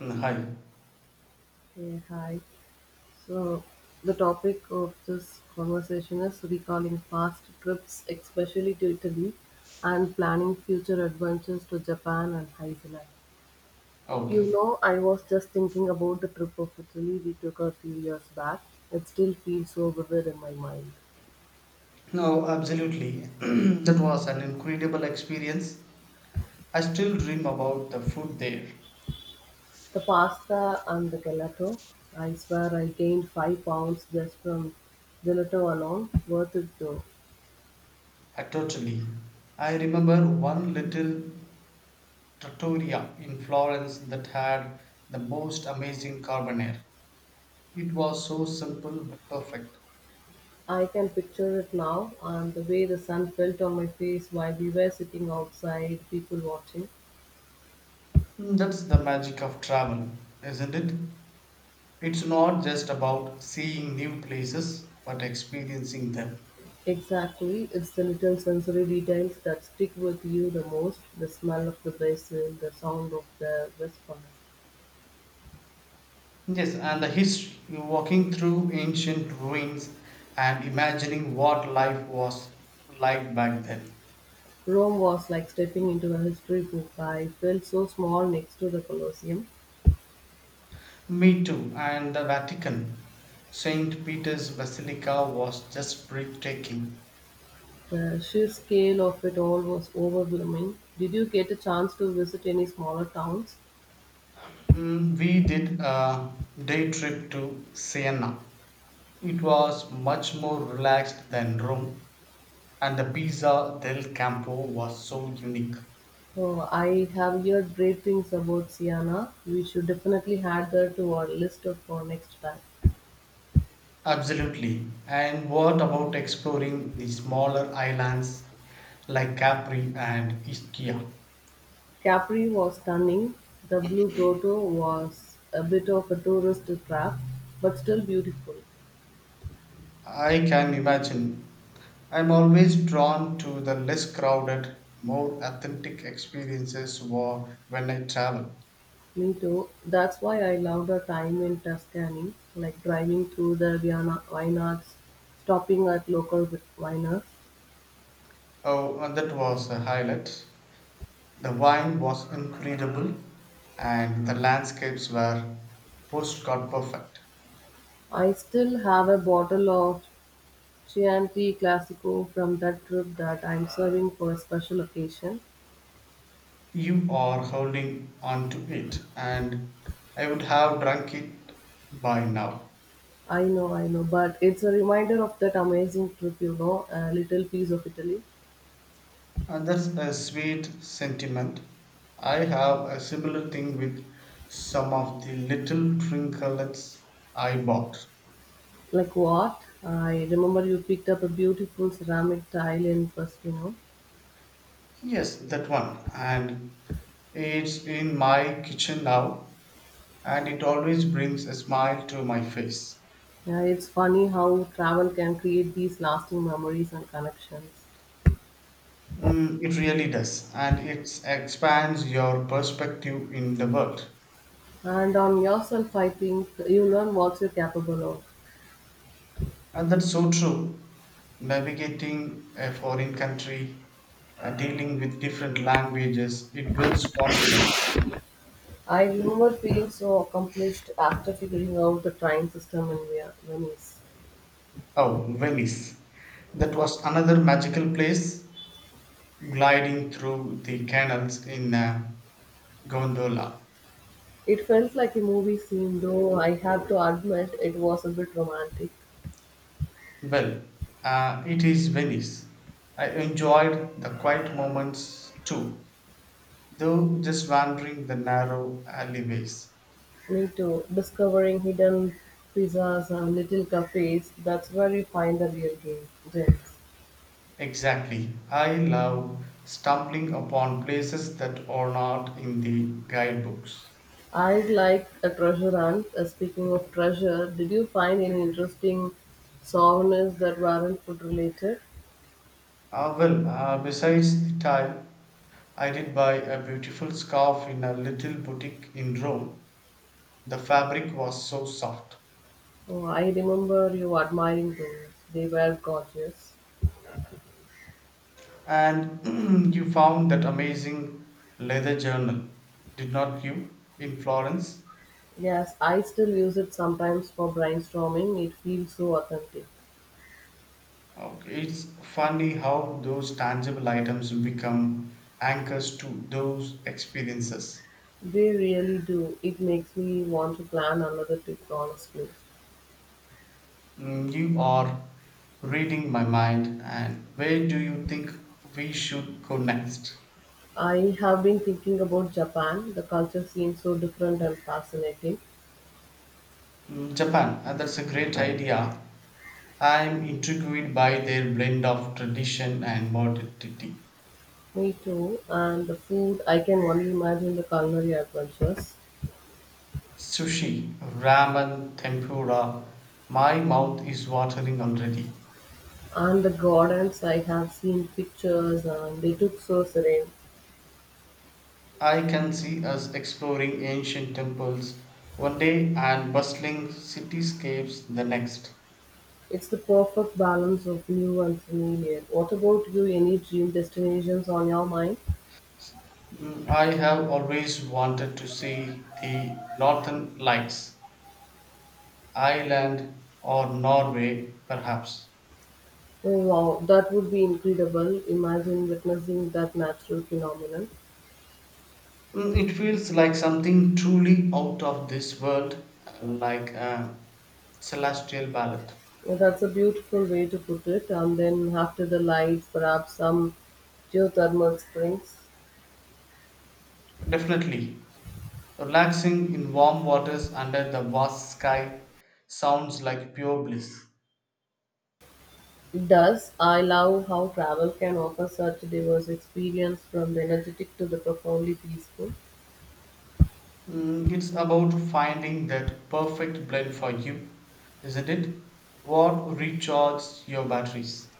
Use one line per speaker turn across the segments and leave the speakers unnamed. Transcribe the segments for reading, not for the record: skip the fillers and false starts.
Hi.
Yeah, hi. So, the topic of this conversation is recalling past trips, especially to Italy, and planning future adventures to Japan and Iceland. You
Okay.
know, I was just thinking about the trip of Italy we took a few years back. It still feels so vivid in my mind.
No, absolutely. That was an incredible experience. I still dream about the food there.
The pasta and the gelato. I swear I gained 5 pounds just from gelato alone. Worth it though.
I totally. I remember one little trattoria in Florence that had the most amazing carbonara. It was so simple but perfect.
I can picture it now, and the way the sun felt on my face while we were sitting outside, people watching.
That's the magic of travel, isn't it? It's not just about seeing new places, but experiencing them.
Exactly, it's the little sensory details that stick with you the most the smell of the basil, the sound of the whisper.
Yes, and the history, you're walking through ancient ruins and imagining what life was like back then.
Rome was like stepping into a history book. I felt so small next to the Colosseum.
Me too, and the Vatican. St. Peter's Basilica was just breathtaking.
The sheer scale of it all was overwhelming. Did you get a chance to visit any smaller towns?
We did a day trip to Siena. It was much more relaxed than Rome, and the Pizza del Campo was so unique.
Oh, I have heard great things about Siena. We should definitely add that to our list of for next time.
Absolutely. And what about exploring the smaller islands like Capri and Ischia?
Capri was stunning. The Blue Grotto was a bit of a tourist trap, but still beautiful.
I can imagine. I'm always drawn to the less crowded, more authentic experiences when I travel.
Me too. That's why I loved our time in Tuscany, like driving through the Vienna vineyards, stopping at local viners.
Oh, and that was a highlight. The wine was incredible, and the landscapes were postcard perfect.
I still have a bottle of Chianti Classico from that trip that I'm serving for a special occasion.
You are holding on to it, and I would have drunk it by now.
I know, but it's a reminder of that amazing trip, you know, a little piece of Italy.
And that's a sweet sentiment. I have a similar thing with some of the little trinkets I bought.
Like what? I remember you picked up a beautiful ceramic tile in Pestino.
Yes, that one. And it's in my kitchen now, and it always brings a smile to my face.
Yeah, it's funny how travel can create these lasting memories and connections.
It really does, and it expands your perspective in the world.
And on yourself, I think you learn what you're capable of.
And that's so true. Navigating a foreign country, dealing with different languages, it builds confidence.
I remember feeling so accomplished after figuring out the train system in Venice.
Oh, Venice. That was another magical place, gliding through the canals in a gondola.
It felt like a movie scene, though I have to admit it was a bit romantic.
Well, it is Venice. I enjoyed the quiet moments too, though just wandering the narrow alleyways.
Me too. Discovering hidden pizzas and little cafes, that's where you find the gems.
Exactly. I love stumbling upon places that are not in the guidebooks.
I like a treasure hunt. Speaking of treasure, did you find any interesting souvenirs that weren't food related?
Ah well, besides the tile, I did buy a beautiful scarf in a little boutique in Rome. The fabric was so soft.
Oh, I remember you admiring those. They were gorgeous.
And you found that amazing leather journal, did not you, in Florence?
Yes, I still use it sometimes for brainstorming. It feels so authentic.
Okay, it's funny how those tangible items become anchors to those experiences.
They really do. It makes me want to plan another trip, honestly.
You are reading my mind, and where do you think we should go next?
I have been thinking about Japan. The culture seems so different and fascinating.
Japan, that's a great idea. I'm intrigued by their blend of tradition and modernity.
Me too. And the food, I can only imagine the culinary adventures.
Sushi, ramen, tempura, my mouth is watering already.
And the gardens, I have seen pictures and they look so serene.
I can see us exploring ancient temples one day and bustling cityscapes the next.
It's the perfect balance of new and familiar. What about you? Any dream destinations on your mind?
I have always wanted to see the northern lights, Ireland or Norway, perhaps.
Oh wow, that would be incredible. Imagine witnessing that natural phenomenon.
It feels like something truly out of this world, like a celestial ballad.
Well, that's a beautiful way to put it. And then after the lights, perhaps some geothermal springs.
Definitely. Relaxing in warm waters under the vast sky sounds like pure bliss.
It does. I love how travel can offer such a diverse experience from the energetic to the profoundly peaceful.
It's about finding that perfect blend for you, isn't it? What recharges your batteries?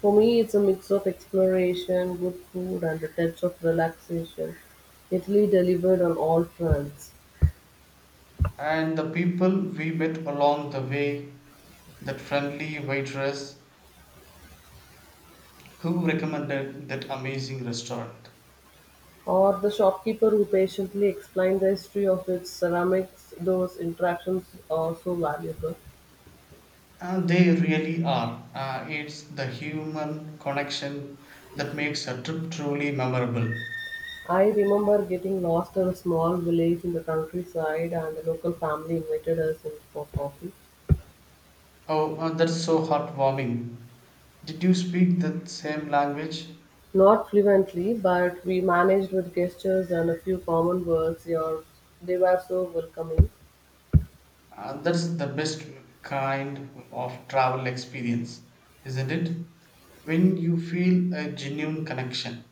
For me, it's a mix of exploration, good food, and a touch of relaxation. Italy delivered on all fronts.
And the people we met along the way, that friendly waitress who recommended that amazing restaurant.
Or the shopkeeper who patiently explained the history of its ceramics, those interactions are so valuable.
And they really are. It's the human connection that makes a trip truly memorable.
I remember getting lost in a small village in the countryside, and the local family invited us in for coffee.
Oh, that's so heartwarming. Did you speak the same language?
Not fluently, but we managed with gestures and a few common words. They were so welcoming.
That's the best kind of travel experience, isn't it? When you feel a genuine connection.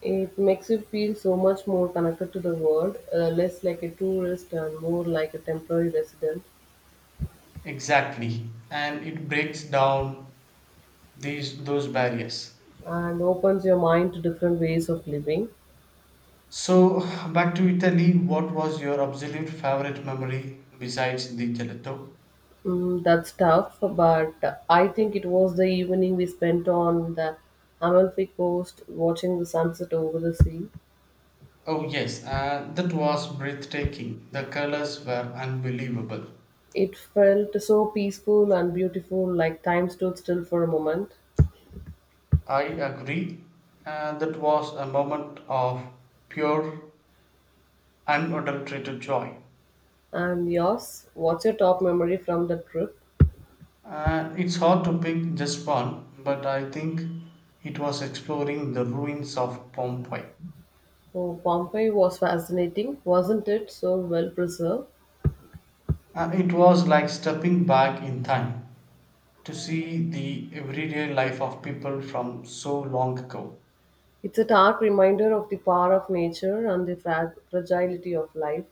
It makes you feel so much more connected to the world, less like a tourist and more like a temporary resident,
Exactly, and it breaks down these those barriers.
and opens your mind to different ways of living.
So back to Italy, what was your absolute favorite memory besides the gelato?
That's tough, but I think it was the evening we spent on the Amalfi Coast watching the sunset over the sea.
Oh yes, that was breathtaking. The colors were unbelievable.
It felt so peaceful and beautiful, like time stood still for a moment.
I agree. That was a moment of pure, unadulterated joy.
And yours, what's your top memory from the trip?
It's hard to pick just one, but I think it was exploring the ruins of Pompeii.
Oh, Pompeii was fascinating, wasn't it? So well preserved.
It was like stepping back in time to see the everyday life of people from so long ago.
It's a stark reminder of the power of nature and the fragility of life.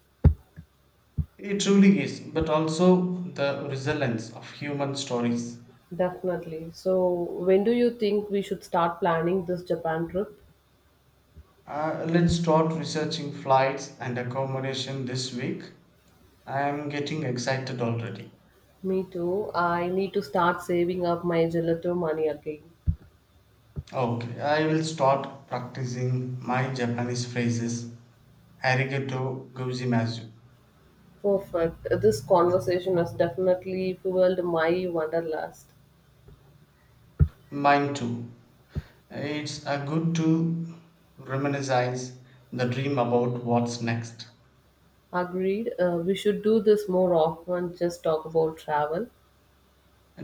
It truly is, but also the resilience of human stories.
Definitely. So, when do you think we should start planning this Japan trip?
Let's start researching flights and accommodation this week. I am getting excited already.
Me too. I need to start saving up my gelato money again.
Okay, I will start practicing my Japanese phrases. Arigato gozaimasu.
Perfect. This conversation has definitely fueled my wanderlust.
Mine too. It's a good to reminisce the dream about what's next.
Agreed. We should do this more often, just talk about travel.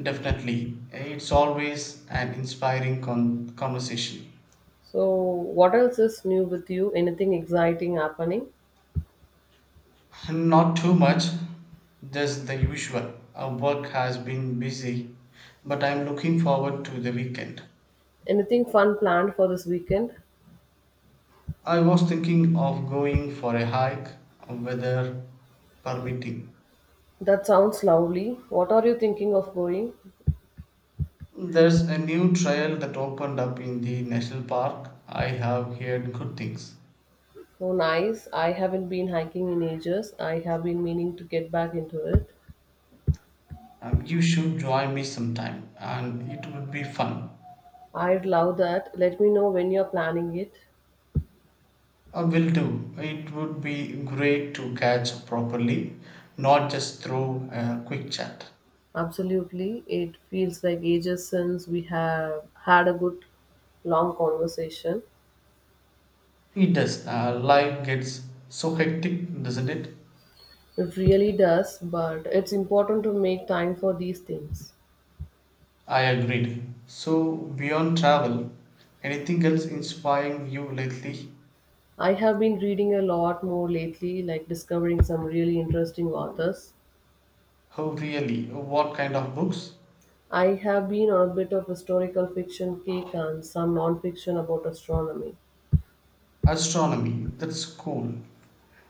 Definitely, it's always an inspiring conversation.
So, what else is new with you? Anything exciting happening?
Not too much, just the usual. Our work has been busy, but I'm looking forward to the weekend.
Anything fun planned for this weekend?
I was thinking of going for a hike, weather permitting.
That sounds lovely. What are you thinking of going?
There's a new trail that opened up in the national park. I have heard good things.
So nice. I haven't been hiking in ages. I have been meaning to get back into it.
You should join me sometime, and it would be fun.
I'd love that. Let me know when you're planning it.
I will do. It would be great to catch up properly, not just through a quick chat.
Absolutely. It feels like ages since we have had a good long conversation.
It does. Life gets so hectic, doesn't it?
It really does, but it's important to make time for these things.
I agreed. So, beyond travel, anything else inspiring you lately?
I have been reading a lot more lately, like discovering some really interesting authors.
Oh, really? What kind of books?
I have been on a bit of historical fiction kick and some non-fiction about astronomy.
Astronomy. That's cool.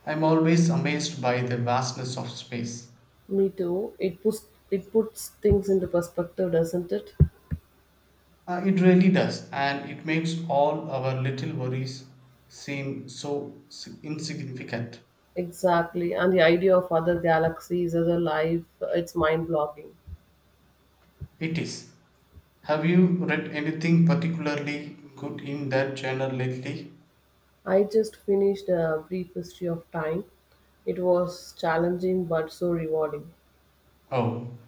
I'm always amazed by the vastness of space.
Me too. It puts things into perspective, doesn't it?
It really does, and it makes all our little worries seem so insignificant.
Exactly. And the idea of other galaxies other life, it's mind blocking.
It is. Have you read anything particularly good in that genre lately?
I just finished a brief history of time. It was challenging but so rewarding.
Oh,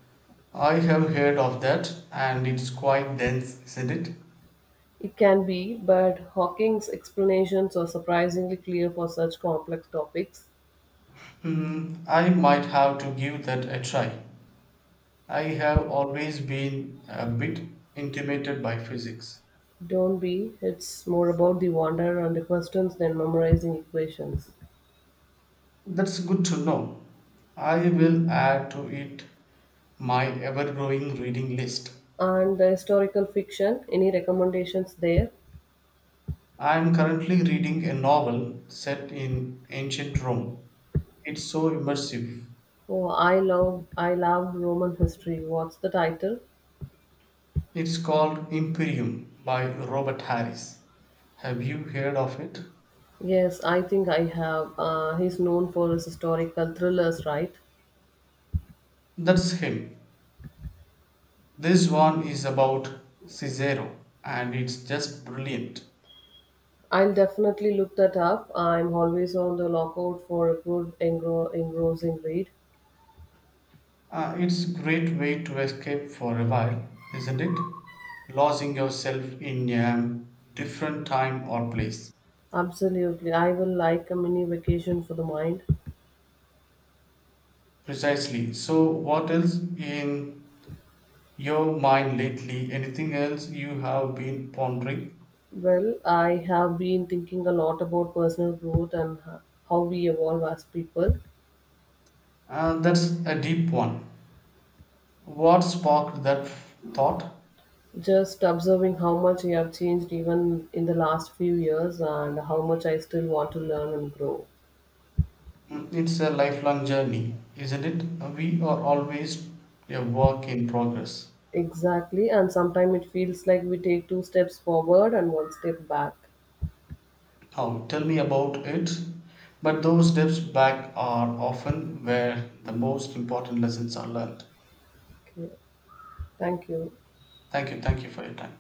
I have heard of that, and it's quite dense, isn't it?
It can be, but Hawking's explanations are surprisingly clear for such complex topics.
Hmm, I might have to give that a try. I have always been a bit intimidated by physics.
Don't be, it's more about the wonder and the questions than memorizing equations.
That's good to know. I will add to it my ever growing reading list.
And the historical fiction, any recommendations there?
I am currently reading a novel set in ancient Rome. It's so immersive.
Oh, I love Roman history. What's the title?
It's called Imperium by Robert Harris. Have you heard of it?
Yes, I think I have. He's known for his historical thrillers, right?
That's him. This one is about Cicero and it's just brilliant.
I'll definitely look that up. I'm always on the lookout for a good, engrossing read.
It's great way to escape for a while, isn't it? Losing yourself in a different time or place.
Absolutely. I will like a mini vacation for the mind.
Precisely. So, what else in your mind lately? Anything else you have been pondering?
Well, I have been thinking a lot about personal growth and how we evolve as people.
That's a deep one. What sparked that thought?
Just observing how much we have changed even in the last few years and how much I still want to learn and grow.
It's a lifelong journey, isn't it? We are always a work in progress.
Exactly, and sometimes it feels like we take two steps forward and one step back.
Now tell me about it. But those steps back are often where the most important lessons are learned.
Okay. Thank you.
Thank you for your time.